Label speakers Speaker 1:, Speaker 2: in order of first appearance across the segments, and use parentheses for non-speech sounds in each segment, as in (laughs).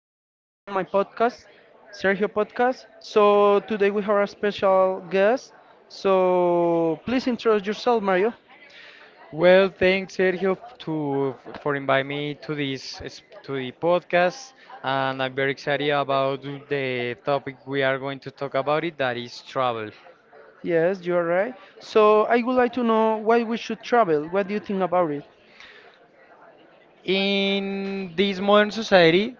Speaker 1: in in my podcast, Sergio Podcast. So today we have a special guest. So please introduce yourself, Mario.
Speaker 2: Well, thanks Sergio for inviting me to this to the podcast, and I'm very excited about the topic we are going to talk about it, that is travel.
Speaker 1: Yes, you are right. So I would like to know why we should travel. What do you think about it?
Speaker 2: In this modern society,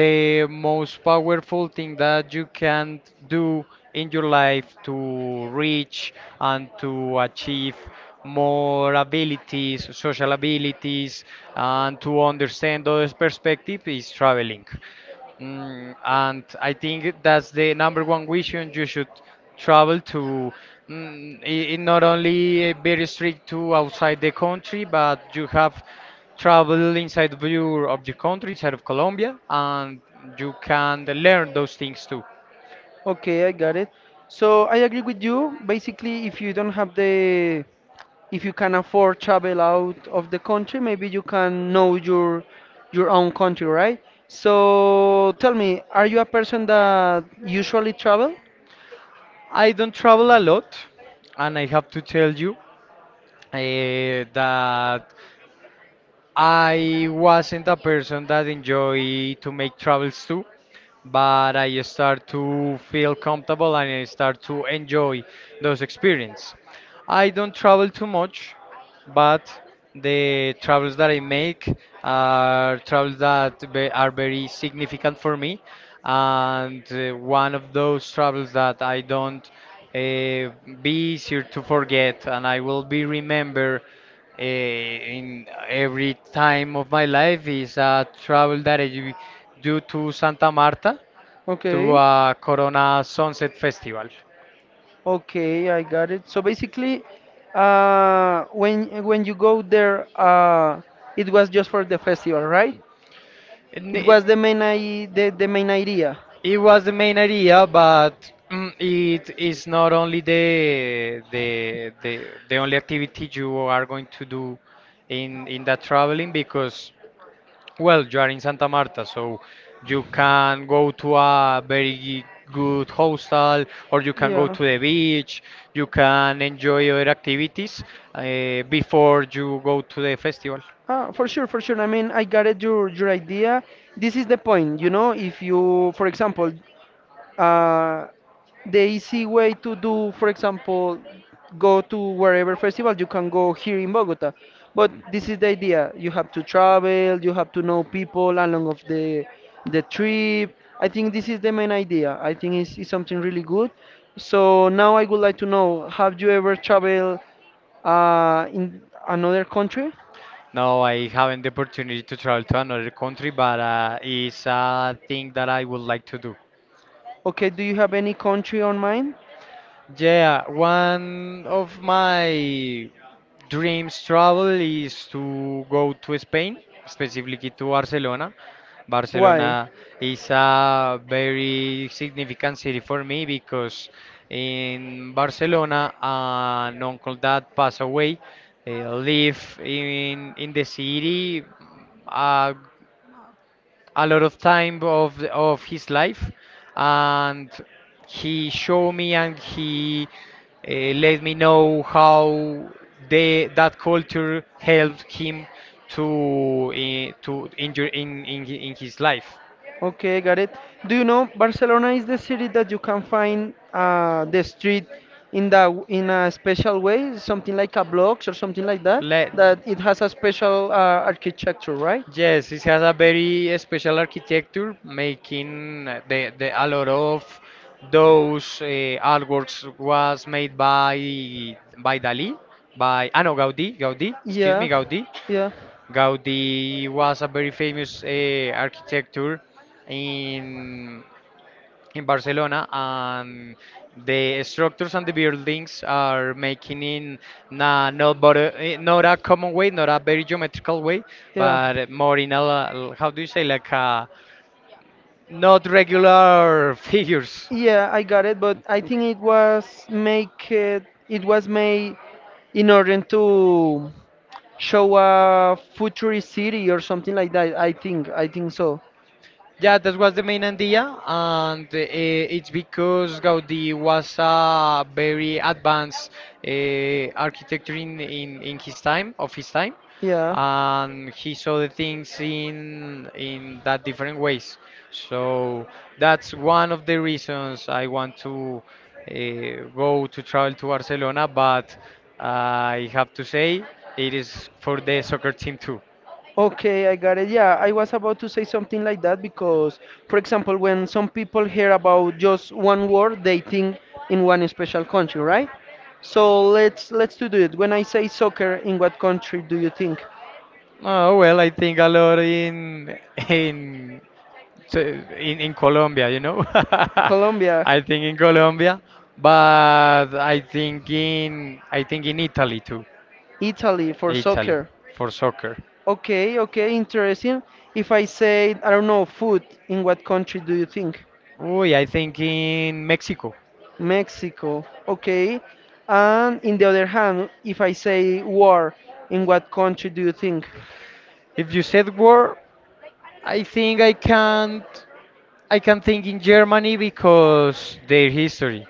Speaker 2: the most powerful thing that you can do in your life to reach and to achieve more abilities, social abilities, and to understand others' perspective is traveling. And I think that's the number one vision you should travel to. Not only very strict to outside the country, but you have travel inside of your of the country, inside of Colombia, and you can learn those things too.
Speaker 1: Okay, I got it. So I agree with you. Basically, if you don't have the if you can afford travel out of the country, maybe you can know your own country, right? So tell me, are you a person that usually travel?
Speaker 2: I don't travel a lot, and I have to tell you that I wasn't a person that enjoy to make travels too. But I start to feel comfortable and I start to enjoy those experiences. I don't travel too much, but the travels that I make are travels that are very significant for me. And one of those travels that I don't uh, be easier to forget and I will be remember in every time of my life is a travel that I do to Santa Marta to
Speaker 1: Okay.
Speaker 2: a Corona Sunset Festival.
Speaker 1: Okay, I got it. So basically, when you go there, it was just for the festival, right?
Speaker 2: And
Speaker 1: It
Speaker 2: it,
Speaker 1: was the main idea.
Speaker 2: it was the main idea, but it is not only the only activity you are going to do in that traveling because, well, you are in Santa Marta, so you can go to a very good hostel, or you can go
Speaker 1: Yeah.
Speaker 2: to the beach. You can enjoy other activities before you go to the festival.
Speaker 1: Ah, for sure, for sure. I mean, I got it, your idea. This is the point, you know, if you, for example, uh, the easy way to do, for example, go to wherever festival you can go here in Bogota. But this is the idea. You have to travel, you have to know people along of the trip. I think this is the main idea. I think it's something really good. So now I would like to know, have you ever traveled in another country?
Speaker 2: No, I haven't the opportunity to travel to another country, but it's a thing that I would like to do.
Speaker 1: Okay, do you have any country on mind?
Speaker 2: Yeah, one of my dreams travel is to go to Spain, specifically to Barcelona.
Speaker 1: Why?
Speaker 2: Barcelona is a very significant city for me because in Barcelona, an uncle that passed away, live in the city. A a lot of time of his life, and he showed me and he let me know how they that culture helped him to eh, to in your- in his life.
Speaker 1: Okay, got it. Do you know Barcelona is the city that you can find the street in a special way, something like a blocks or something like that,
Speaker 2: Let
Speaker 1: that it has a special architecture, right?
Speaker 2: Yes, it has a very special architecture, making the a lot of those artworks was made by Dali, by no Gaudi, excuse me,
Speaker 1: Yeah,
Speaker 2: Gaudi,
Speaker 1: yeah,
Speaker 2: Gaudí was a very famous architecture in in Barcelona, and the structures and the buildings are making in na, not but a, eh, not a common way, not a very geometrical way,
Speaker 1: yeah.
Speaker 2: but more how do you say like a, not regular (laughs) figures.
Speaker 1: Yeah, I got it, but I think it was made in order to show a futurist city or something like that. I think so.
Speaker 2: Yeah, that was the main idea, and it's because Gaudi was a very advanced architecture in his time, of his time,
Speaker 1: Yeah.
Speaker 2: and he saw the things in that different ways. So that's one of the reasons I want to go to travel to Barcelona, but I have to say it is for the soccer team too.
Speaker 1: Okay, I got it. Yeah, I was about to say something like that because, for example, when some people hear about just one word, they think in one special country, right? So let's to do it. When I say soccer, in what country do you think?
Speaker 2: Oh, well, I think a lot in so, in Colombia, (laughs)
Speaker 1: Colombia,
Speaker 2: I think in Colombia, but I think in Italy too.
Speaker 1: Italy for
Speaker 2: Italy
Speaker 1: soccer.
Speaker 2: for soccer.
Speaker 1: Okay, okay, interesting. If I say, I don't know, food, in what country do you think?
Speaker 2: Oh, I think in Mexico.
Speaker 1: Mexico. Okay. And in the other hand, if I say war, in what country do you think?
Speaker 2: If you said war, I think I can't I can think in Germany because their history,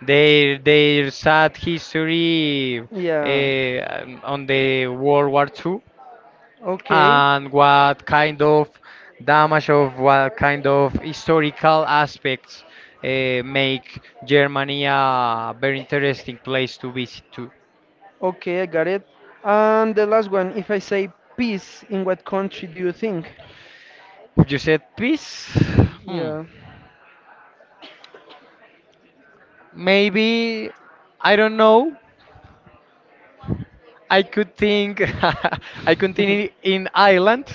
Speaker 2: their sad history
Speaker 1: Yeah.
Speaker 2: on the World War II.
Speaker 1: Okay.
Speaker 2: And what kind of historical aspects make Germany a very interesting place to visit to.
Speaker 1: Okay, I got it. And the last one, if I say peace, in what country do you think?
Speaker 2: You said peace? Hmm.
Speaker 1: Yeah.
Speaker 2: Maybe I don't know, I could think (laughs) I continue in
Speaker 1: (laughs)
Speaker 2: Ireland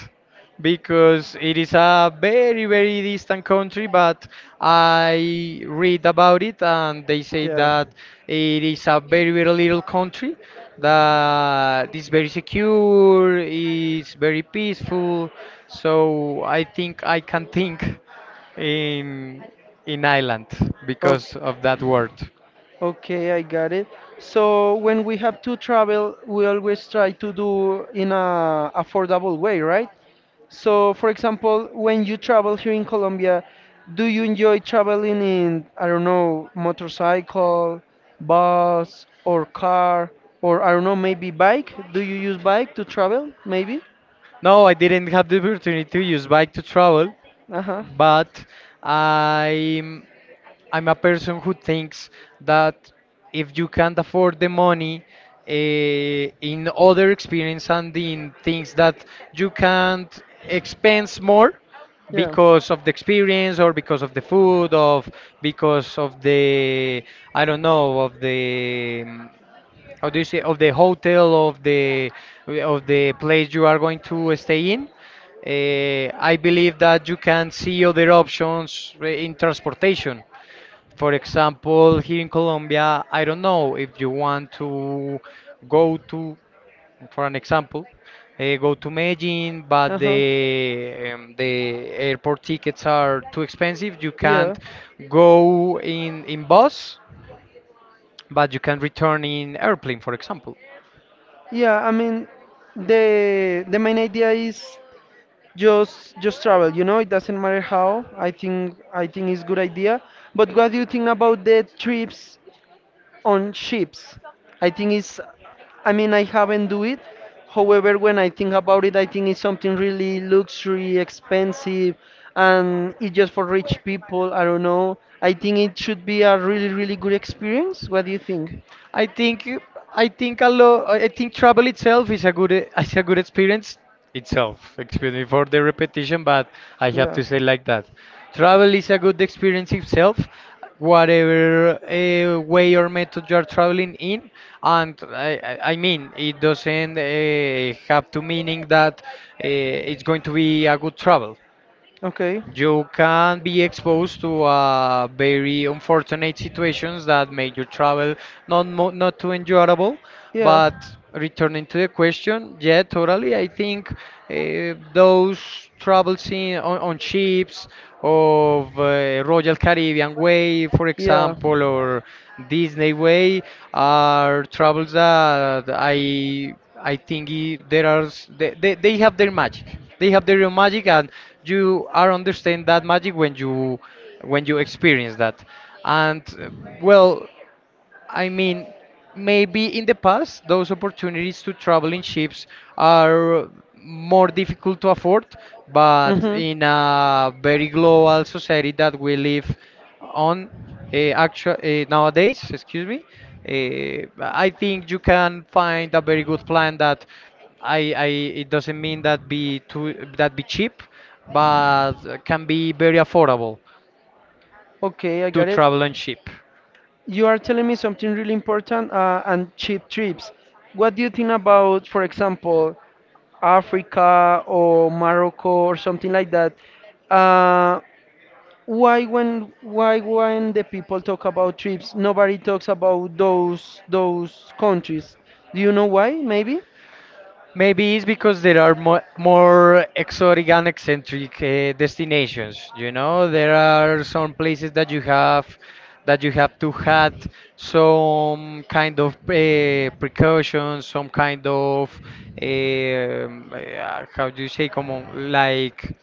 Speaker 2: because it is a very very distant country, but I read about it and they say
Speaker 1: Yeah.
Speaker 2: that it is a very very little country, that is very secure, is very peaceful, so I think I can think in in Ireland because
Speaker 1: Like
Speaker 2: of that word.
Speaker 1: okay, I got it. So when we have to travel, we always try to do in a affordable way, right? So, for example, when you travel here in Colombia, do you enjoy traveling in, I don't know, motorcycle, bus, or car, or I don't know, maybe bike? Do you use bike to travel? Maybe?
Speaker 2: No, I didn't have the opportunity to use bike to travel,
Speaker 1: Uh-huh.
Speaker 2: but I'm I'm a person who thinks that if you can't afford the money in other experience and in things that you can't expense more
Speaker 1: Yeah.
Speaker 2: because of the experience or because of the I don't know of the how do you say of the hotel of the place you are going to stay in. I believe that you can see other options in transportation. For example, here in Colombia, I don't know if you want to go to for an example go to Medellin,
Speaker 1: Uh
Speaker 2: but
Speaker 1: huh.
Speaker 2: the airport tickets are too expensive. You
Speaker 1: Yeah.
Speaker 2: can't go in bus, but you can return in airplane, for example.
Speaker 1: Yeah. I mean, the main idea is just travel, you know, it doesn't matter how. I think, I think it's good idea, but what do you think about the trips on ships? I think it's I mean, I haven't do it. However, when I think about it, I think it's something really luxury expensive, and it's just for rich people. I don't know, I think it should be a really really good experience. What do you think?
Speaker 2: I think you- I think a lot. I think travel itself is is a good experience itself. Excuse me for the repetition, but I have
Speaker 1: Yeah.
Speaker 2: to say like that. Travel is a good experience itself, whatever way or method you are traveling in, and I mean it doesn't have to meaning that it's going to be a good travel.
Speaker 1: Okay.
Speaker 2: You can be exposed to very unfortunate situations that made your travel not too enjoyable. But returning to the question, yeah, totally. I think those travels on ships of Royal Caribbean Way, for
Speaker 1: Yeah.
Speaker 2: example, or Disney Way are travels that I think I- there are s- they have their magic. They have their own magic, and you are understand that magic when you experience that. And well, I mean, maybe in the past, those opportunities to travel in ships are more difficult to afford, but in a very global society that we live on actual nowadays, excuse me, I think you can find a very good plan that I it doesn't mean that be cheap, but can be very affordable
Speaker 1: Okay, I
Speaker 2: to
Speaker 1: got
Speaker 2: travel on ship.
Speaker 1: You are telling me something really important and cheap trips. What do you think about, for example, Africa or Morocco or something like that? Uh, why when the people talk about trips, nobody talks about those countries? Do you know why? Maybe?
Speaker 2: Maybe it's because there are more exotic and eccentric destinations. You know, there are some places that you have to have some kind of precautions, some kind of how do you say, como like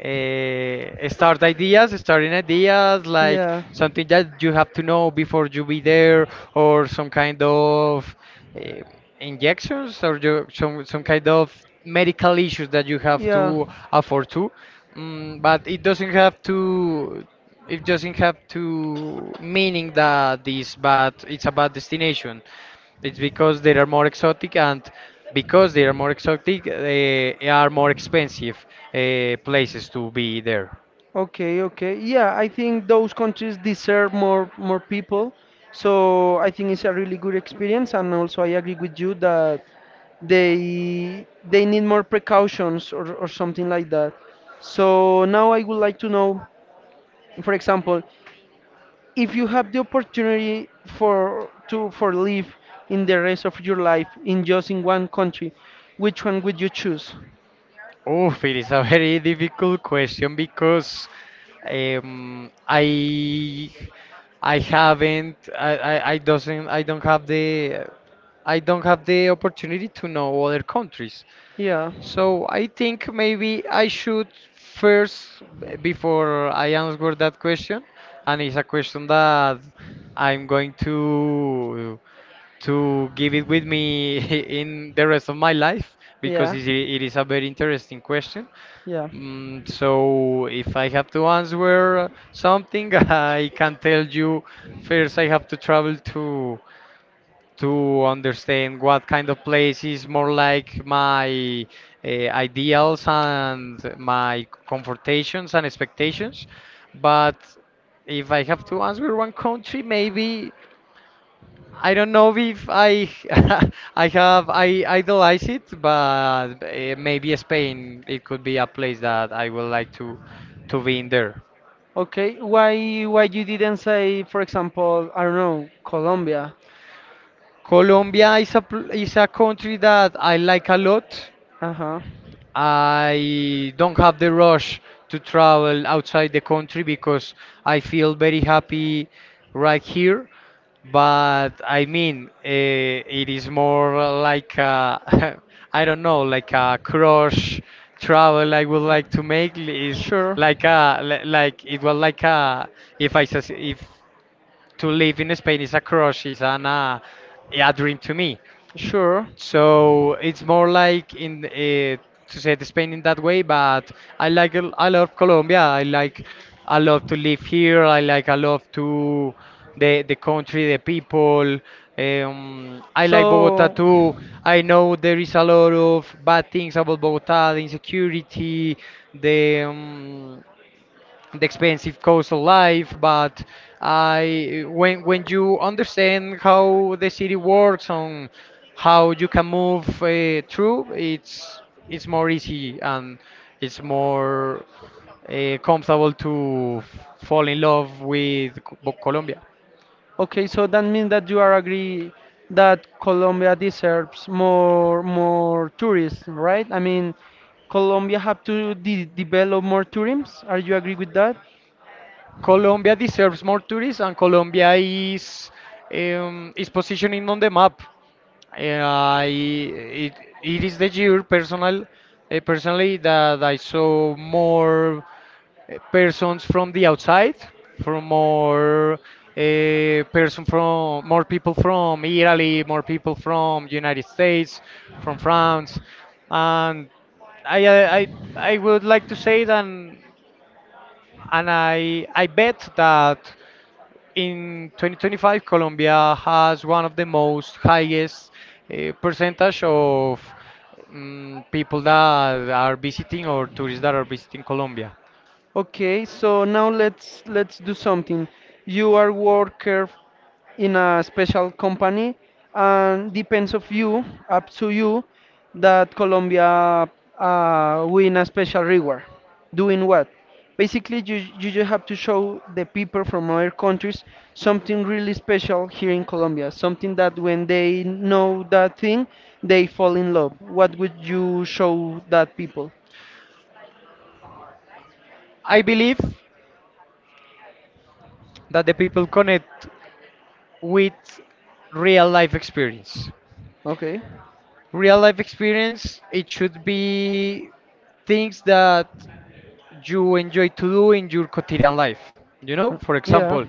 Speaker 2: starting ideas, like
Speaker 1: Yeah.
Speaker 2: something that you have to know before you be there, or some kind of uh, injections, or you, some kind of medical issues that you have
Speaker 1: Yeah.
Speaker 2: to afford to. But it doesn't have to. It doesn't have to meaning that this, but it's about destination. It's because they are more exotic, and because they are more exotic, they are more expensive places to be there.
Speaker 1: Okay, okay. Yeah, I think those countries deserve more people. So I think it's a really good experience, and also I agree with you that they need more precautions, or something like that. So now I would like to know, for example, if you have the opportunity for live in the rest of your life in just in one country, which one would you choose?
Speaker 2: Oof, it is a very (laughs) difficult question because um, I I haven't I, I, I doesn't I don't have the I don't have the opportunity to know other countries.
Speaker 1: Yeah,
Speaker 2: So I think maybe I should before I answer that question, and it's a question that I'm going to give it with me (laughs) in the rest of my life because
Speaker 1: yeah,
Speaker 2: it is a very interesting question.
Speaker 1: yeah.
Speaker 2: So if I have to answer something, (laughs) I can tell you first I have to travel to understand what kind of place is more like my ideals and my comfortations and expectations. But if I have to answer one country, maybe I don't know if I (laughs) I idolize it, but maybe Spain it could be a place that I would like to be in there.
Speaker 1: Okay, why you didn't say, for example, I don't know, Colombia?
Speaker 2: Colombia is is a country that I like a lot.
Speaker 1: Uh-huh.
Speaker 2: I don't have the rush to travel outside the country because I feel very happy right here. But I mean, it is more like a, (laughs) I don't know, like a crush travel I would like to make is
Speaker 1: Sure.
Speaker 2: like it was like a if if to live in Spain is a crush is an a dream to me.
Speaker 1: Sure.
Speaker 2: So it's more like in to say the Spain in that way, but I love Colombia. I love to live here. I love to the country, the people. I like Bogota
Speaker 1: So
Speaker 2: too. I know there is a lot of bad things about Bogota, the insecurity, the um, the expensive cost of life, but I when you understand how the city works on, how you can move through, it's more easy, and it's more comfortable to fall in love with Colombia.
Speaker 1: okay, so that means that you are agree that Colombia deserves more tourists, right? I mean, Colombia have to de develop more tourism. Are you agree with that?
Speaker 2: Colombia deserves more tourists and Colombia is positioning on the map. Yeah, I it is the year personally that I saw more persons from the outside, from more from more people from Italy, more people from United States, from France, and I would like to say that, and I bet that. In 2025, Colombia has one of the most highest percentage of people that are visiting or tourists that are visiting Colombia.
Speaker 1: Okay, so now let's do something. You are worker f- in a special company, and depends of you, up to you, that Colombia win a special reward. Doing what? Basically, you just have to show the people from other countries something really special here in Colombia, something that when they know that thing, they fall in love. What would you show that people?
Speaker 2: I believe that the people connect with real life experience.
Speaker 1: Okay.
Speaker 2: Real life experience, it should
Speaker 1: Uh,
Speaker 2: be things that you enjoy to do in your quotidian life. You know, for
Speaker 1: yeah.
Speaker 2: example,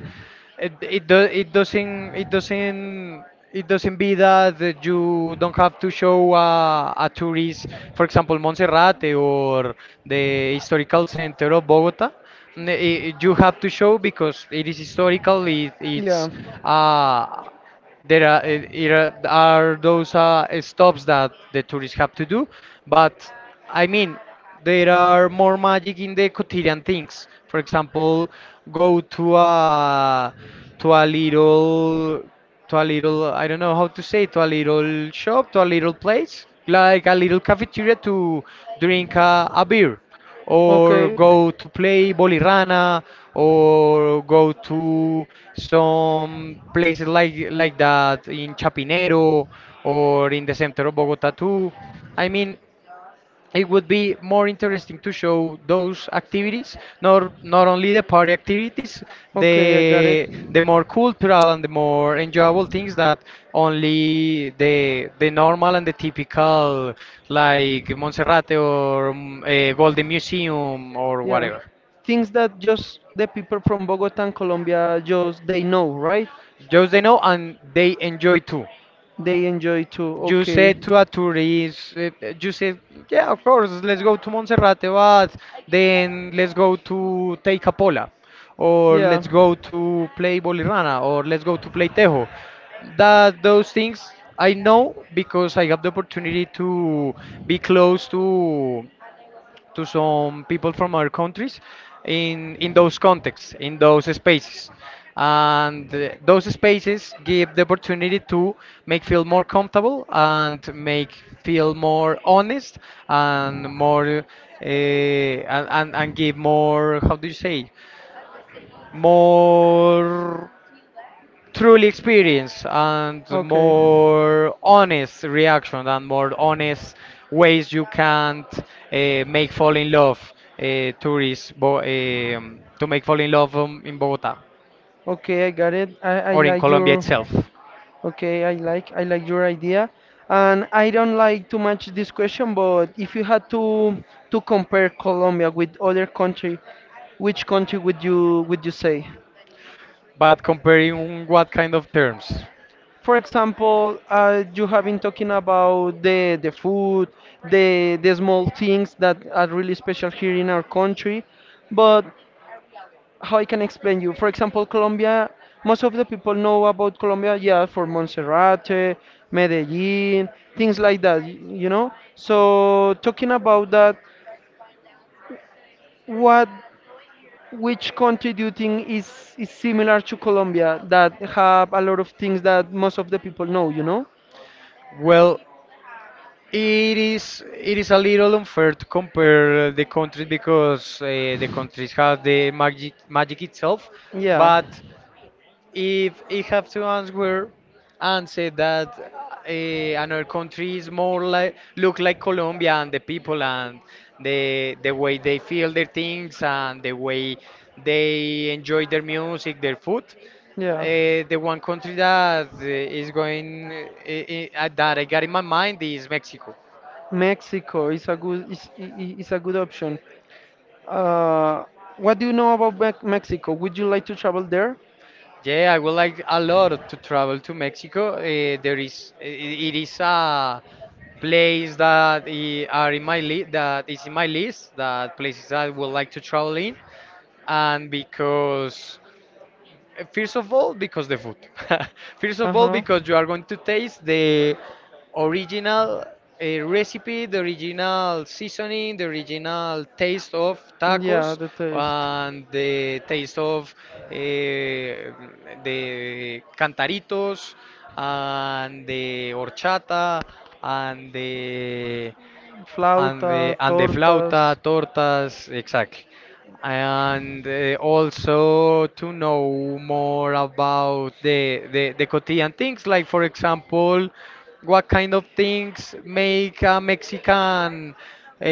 Speaker 2: it, do, it doesn't it doesn't it doesn't be that you don't have to show a tourist, for example, Monserrate or the historical center of Bogota. N- i- you have to show because it is historical. It's
Speaker 1: Yeah.
Speaker 2: uh, there are, eh, here are those stops that the tourists have to do, but I mean, there are more magic in the quotidian things. For example, go to a little to a little I don't know how to say to a little shop to a little place like a little cafeteria to drink a beer or go to play Bolirana or go to some places like that in Chapinero or in the center of Bogota too. I mean, it would be more interesting to show those activities, not only the party activities, the more cultural and the more enjoyable things that only the normal and the typical like Monserrate or Golden Museum or
Speaker 1: Yeah.
Speaker 2: whatever.
Speaker 1: Things that just the people from Bogota and Colombia just they know, right?
Speaker 2: Just they know and they enjoy too.
Speaker 1: They enjoy too.
Speaker 2: You
Speaker 1: Okay.
Speaker 2: said to a tourist, you said, yeah, of course, let's go to Monserrate, but then let's go to Teicapola, or
Speaker 1: Yeah.
Speaker 2: let's go to play Bolirana, or let's go to play Tejo. That those things I know because I have the opportunity to be close to some people from other countries in those contexts, in those spaces. And those spaces give the opportunity to make feel more comfortable and make feel more honest and more and give more, how do you say, more truly experience and
Speaker 1: Okay.
Speaker 2: more honest reaction and more honest ways you can make fall in love to make fall in love in Bogota
Speaker 1: Okay, I got it. I
Speaker 2: or in
Speaker 1: like
Speaker 2: Colombia
Speaker 1: your
Speaker 2: itself.
Speaker 1: okay, I like your idea. And I don't like too much this question, but if you had to compare Colombia with other country, which country would you say?
Speaker 2: But comparing what kind of terms?
Speaker 1: For example, you have been talking about the food, the small things that are really special here in our country, but how I can explain you. For example, Colombia, most of the people know about Colombia, yeah, for Monserrate, Medellin, things like that, you know. So talking about that, what which country do you think is similar to Colombia that have a lot of things that most of the people know, you know?
Speaker 2: Well, it is a little unfair to compare the countries because the countries have the magic itself,
Speaker 1: Yeah,
Speaker 2: but if I have to answer and say that another country is more like look like Colombia and the people and the way they feel their things and the way they enjoy their music, their food.
Speaker 1: yeah.
Speaker 2: The one country that is going that I got in my mind is Mexico.
Speaker 1: Mexico is a good is, I- is a good option. Uh, what do you know about Mexico? Would you like to travel there?
Speaker 2: Yeah, I would like a lot to travel to Mexico. There is it is a place that I- are in my li that is in my list, that places that I would like to travel in, and because first of all, because the food. (laughs) First
Speaker 1: Uh
Speaker 2: of all,
Speaker 1: huh.
Speaker 2: because you are going to taste the original recipe, the original seasoning, the original taste of
Speaker 1: Yeah,
Speaker 2: tacos,
Speaker 1: the taste.
Speaker 2: and the taste of the cantaritos, and the horchata, and the and
Speaker 1: Flauta,
Speaker 2: the and the
Speaker 1: tortas.
Speaker 2: flauta, tortas, exactly. And also to know more about the quotidian things, like for example, what kind of things make a Mexican uh,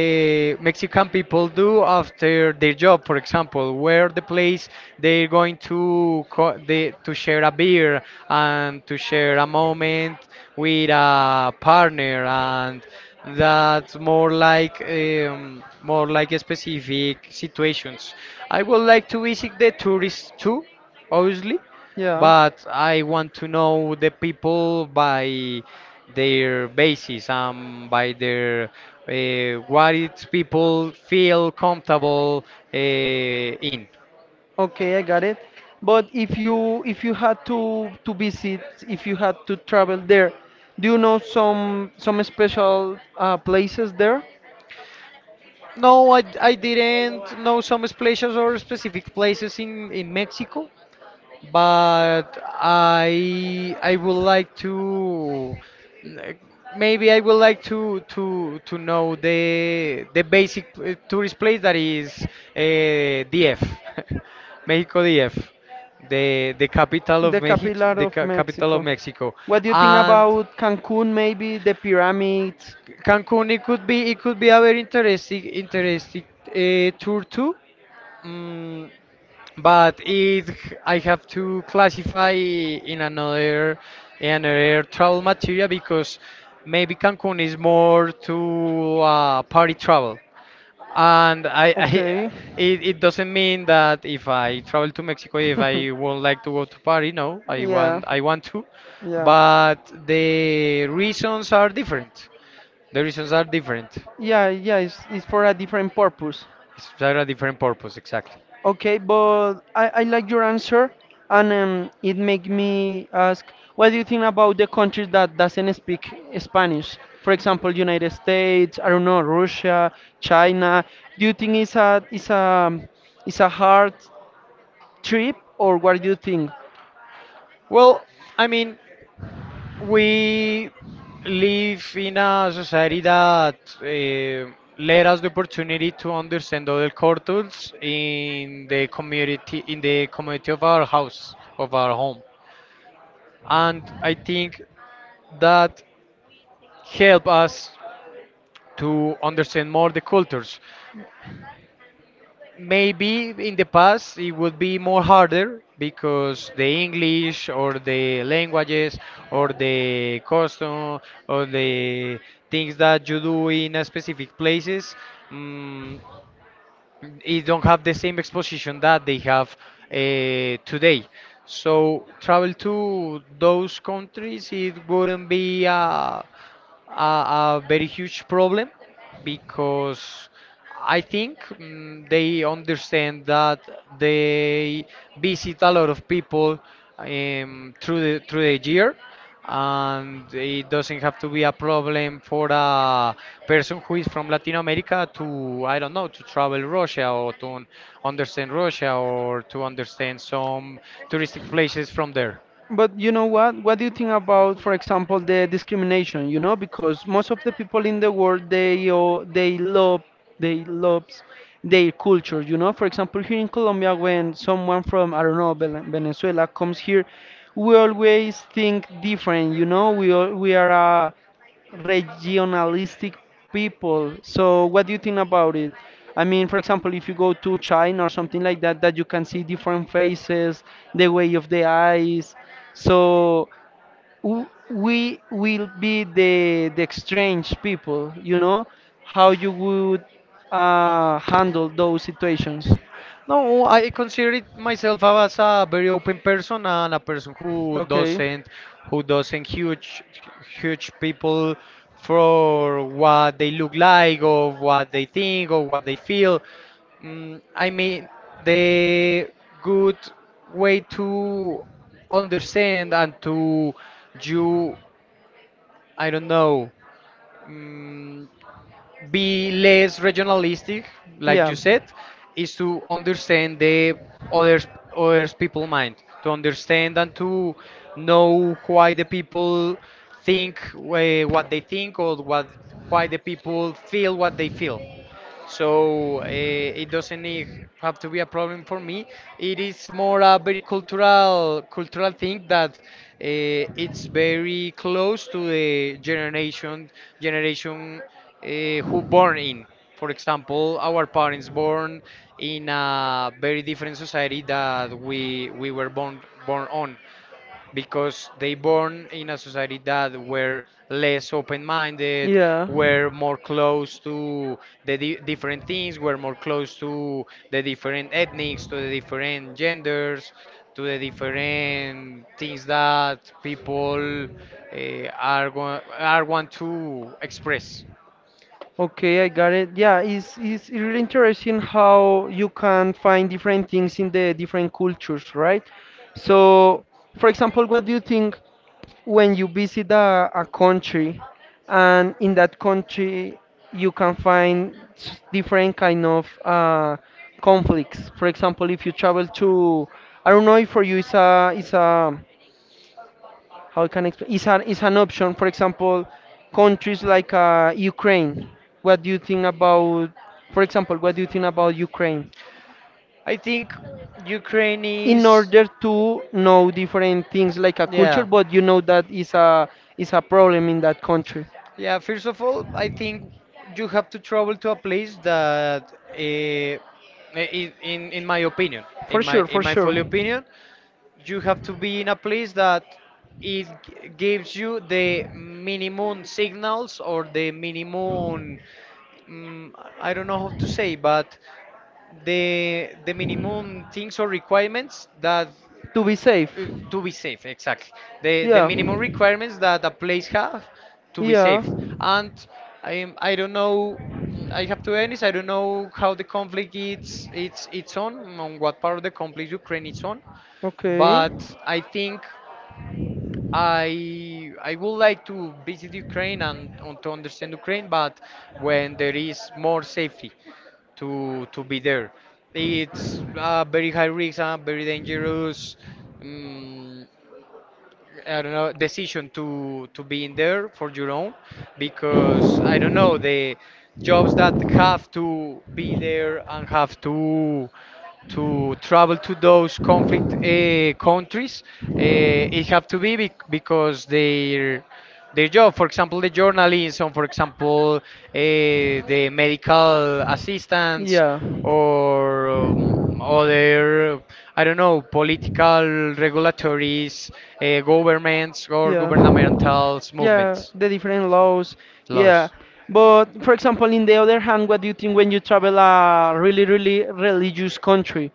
Speaker 2: Mexican people do after their job, for example, where the place they're going to to share a beer and to share a moment with a partner, and that's more like specific situations. I would like to visit the tourists too, obviously,
Speaker 1: Yeah.
Speaker 2: but I want to know the people by their basis, by their what its people feel comfortable uh, in.
Speaker 1: Okay, I got it. But if you had to visit, if you had to travel there, do you know some special places there?
Speaker 2: No, I didn't know some places or specific places in Mexico, but I would like to, maybe I would like to know the basic tourist place that is DF, (laughs) Mexico DF, the capital of Mexico,
Speaker 1: Capital
Speaker 2: the
Speaker 1: of
Speaker 2: ca capital of
Speaker 1: Mexico.
Speaker 2: Mexico,
Speaker 1: What do you think
Speaker 2: and
Speaker 1: about Cancun, maybe? The pyramids?
Speaker 2: Cancun. It could be a very interesting tour too. Mm, but it I have to classify in another another travel material because maybe Cancun is more to party travel, and I it doesn't mean that if I travel to Mexico, if I won't like to
Speaker 1: (laughs)
Speaker 2: go to party. No, I
Speaker 1: yeah,
Speaker 2: want I want to,
Speaker 1: yeah,
Speaker 2: but the reasons are different. The reasons are different.
Speaker 1: yeah, yeah. It's for a different purpose.
Speaker 2: It's for a different purpose exactly.
Speaker 1: Okay, but I like your answer, and it make me ask, what do you think about the countries that doesn't speak Spanish? For example, United States, I don't know, Russia, China. Do you think it's a hard trip, or what do you think?
Speaker 2: Well, I mean, we live in a society that let us the opportunity to understand other cultures in the community of our house of our home, and I think that help us to understand more the cultures. Maybe in the past it would be more harder because the English or the languages or the custom or the things that you do in a specific places. mm it don't have the same exposition that they have uh, today. So travel to those countries, it wouldn't be a very huge problem because I think, they understand that they visit a lot of people through the year, and it doesn't have to be a problem for a person who is from Latin America to, I don't know, to travel Russia or to understand Russia or to understand some touristic places from there.
Speaker 1: But you know what? What do you think about, for example, the discrimination? You know, because most of the people in the world they love they loves their culture. You know, for example, here in Colombia, when someone from I don't know Venezuela comes here, we always think different. You know, we are a regionalistic people. So what do you think about it? I mean, for example, if you go to China or something like that, that you can see different faces, the way of the eyes. So we will be the strange people, you know, how you would handle those situations.
Speaker 2: No, I consider it myself as a very open person and a person who
Speaker 1: Okay,
Speaker 2: doesn't, who doesn't huge huge people for what they look like or what they think or what they feel. I mean, the good way to understand and to you I don't know, mm be less regionalistic, like
Speaker 1: yeah.
Speaker 2: you said, is to understand the others, others people mind, to understand and to know why the people think what they think or what why the people feel what they feel. So it doesn't need, have to be a problem for me. It is more a very cultural thing that it's very close to the generation uh, who born in. For example, our parents born in a very different society that we were born on because they born in a society that were less open-minded,
Speaker 1: Yeah.
Speaker 2: were more close to the different things, were more close to the different ethnics, to the different genders, to the different things that people are want to express.
Speaker 1: Okay, I got it. Yeah, it's really interesting how you can find different things in the different cultures, right? So, for example, what do you think when you visit a country and in that country you can find different kind of conflicts? For example, if you travel to, I don't know if for you it's a how I can explain, is an option. For example, countries like Ukraine. What do you think about, for example, what do you think about Ukraine?
Speaker 2: I think Ukraine
Speaker 1: In
Speaker 2: is,
Speaker 1: order to know different things like a
Speaker 2: yeah.
Speaker 1: culture, but you know that is a problem in that country.
Speaker 2: Yeah, first of all, I think you have to travel to a place that, uh, in, in my opinion, in
Speaker 1: For
Speaker 2: my
Speaker 1: sure,
Speaker 2: in
Speaker 1: for
Speaker 2: my
Speaker 1: sure.
Speaker 2: full opinion, you have to be in a place that it gives you the minimum signals or the minimum, mm, I don't know how to say, but the minimum things or requirements that
Speaker 1: To be safe.
Speaker 2: to be safe exactly, the
Speaker 1: Yeah.
Speaker 2: minimum requirements that a place have to be
Speaker 1: Yeah.
Speaker 2: safe, and I don't know, I have to be honest, I don't know how the conflict it's on what part of the conflict Ukraine is on,
Speaker 1: Okay.
Speaker 2: but I think I would like to visit Ukraine and to understand Ukraine, but when there is more safety to be there, it's very high risk, very dangerous. mm I don't know, decision to be in there for your own, because I don't know the jobs that have to be there and have to travel to those conflict countries. It have to be because their job, for example, the journalism, for example, the medical assistants
Speaker 1: Yeah. Uh,
Speaker 2: or other, I don't know, political, regulatories, governments, or
Speaker 1: yeah.
Speaker 2: governmental
Speaker 1: Yeah,
Speaker 2: movements,
Speaker 1: the different laws. Yeah.
Speaker 2: laws.
Speaker 1: But for example, in the other hand, what do you think when you travel a really, really religious country?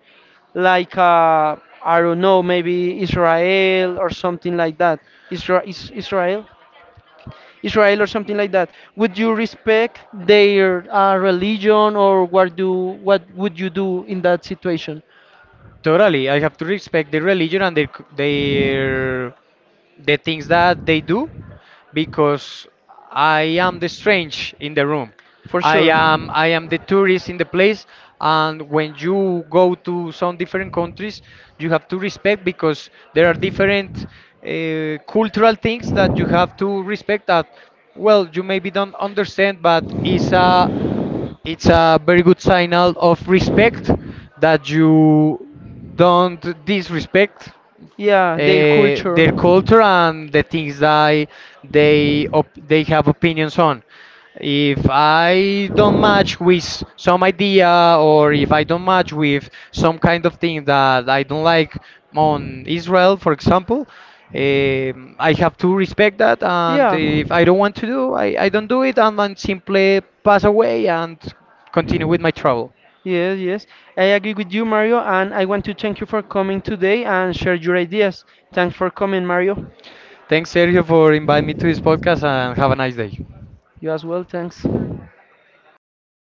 Speaker 1: Like, I don't know, maybe Israel or something like that. Isra is Israel? Israel or something like that. Would you respect their religion, or what would you do in that situation?
Speaker 2: Totally, I have to respect their religion and their their the things that they do because I am the strange in the room.
Speaker 1: For
Speaker 2: I am
Speaker 1: sure.
Speaker 2: I am the tourist in the place, and when you go to some different countries you have to respect because there are different cultural things that you have to respect that, well, you maybe don't understand, but it's a, it's a very good signal of respect that you don't disrespect
Speaker 1: Yeah, their culture.
Speaker 2: their culture and the things that they they have opinions on. If I don't match with some idea, or if I don't match with some kind of thing that I don't like on Israel, for example, I have to respect that. And
Speaker 1: Yeah.
Speaker 2: if I don't want to do, I don't do it, and then simply pass away and continue with my travel.
Speaker 1: Yes, yes. I agree with you, Mario, and I want to thank you for coming today and share your ideas. Thanks for coming, Mario.
Speaker 2: Thanks, Sergio, for inviting me to this podcast, and have a nice day.
Speaker 1: You as well, thanks.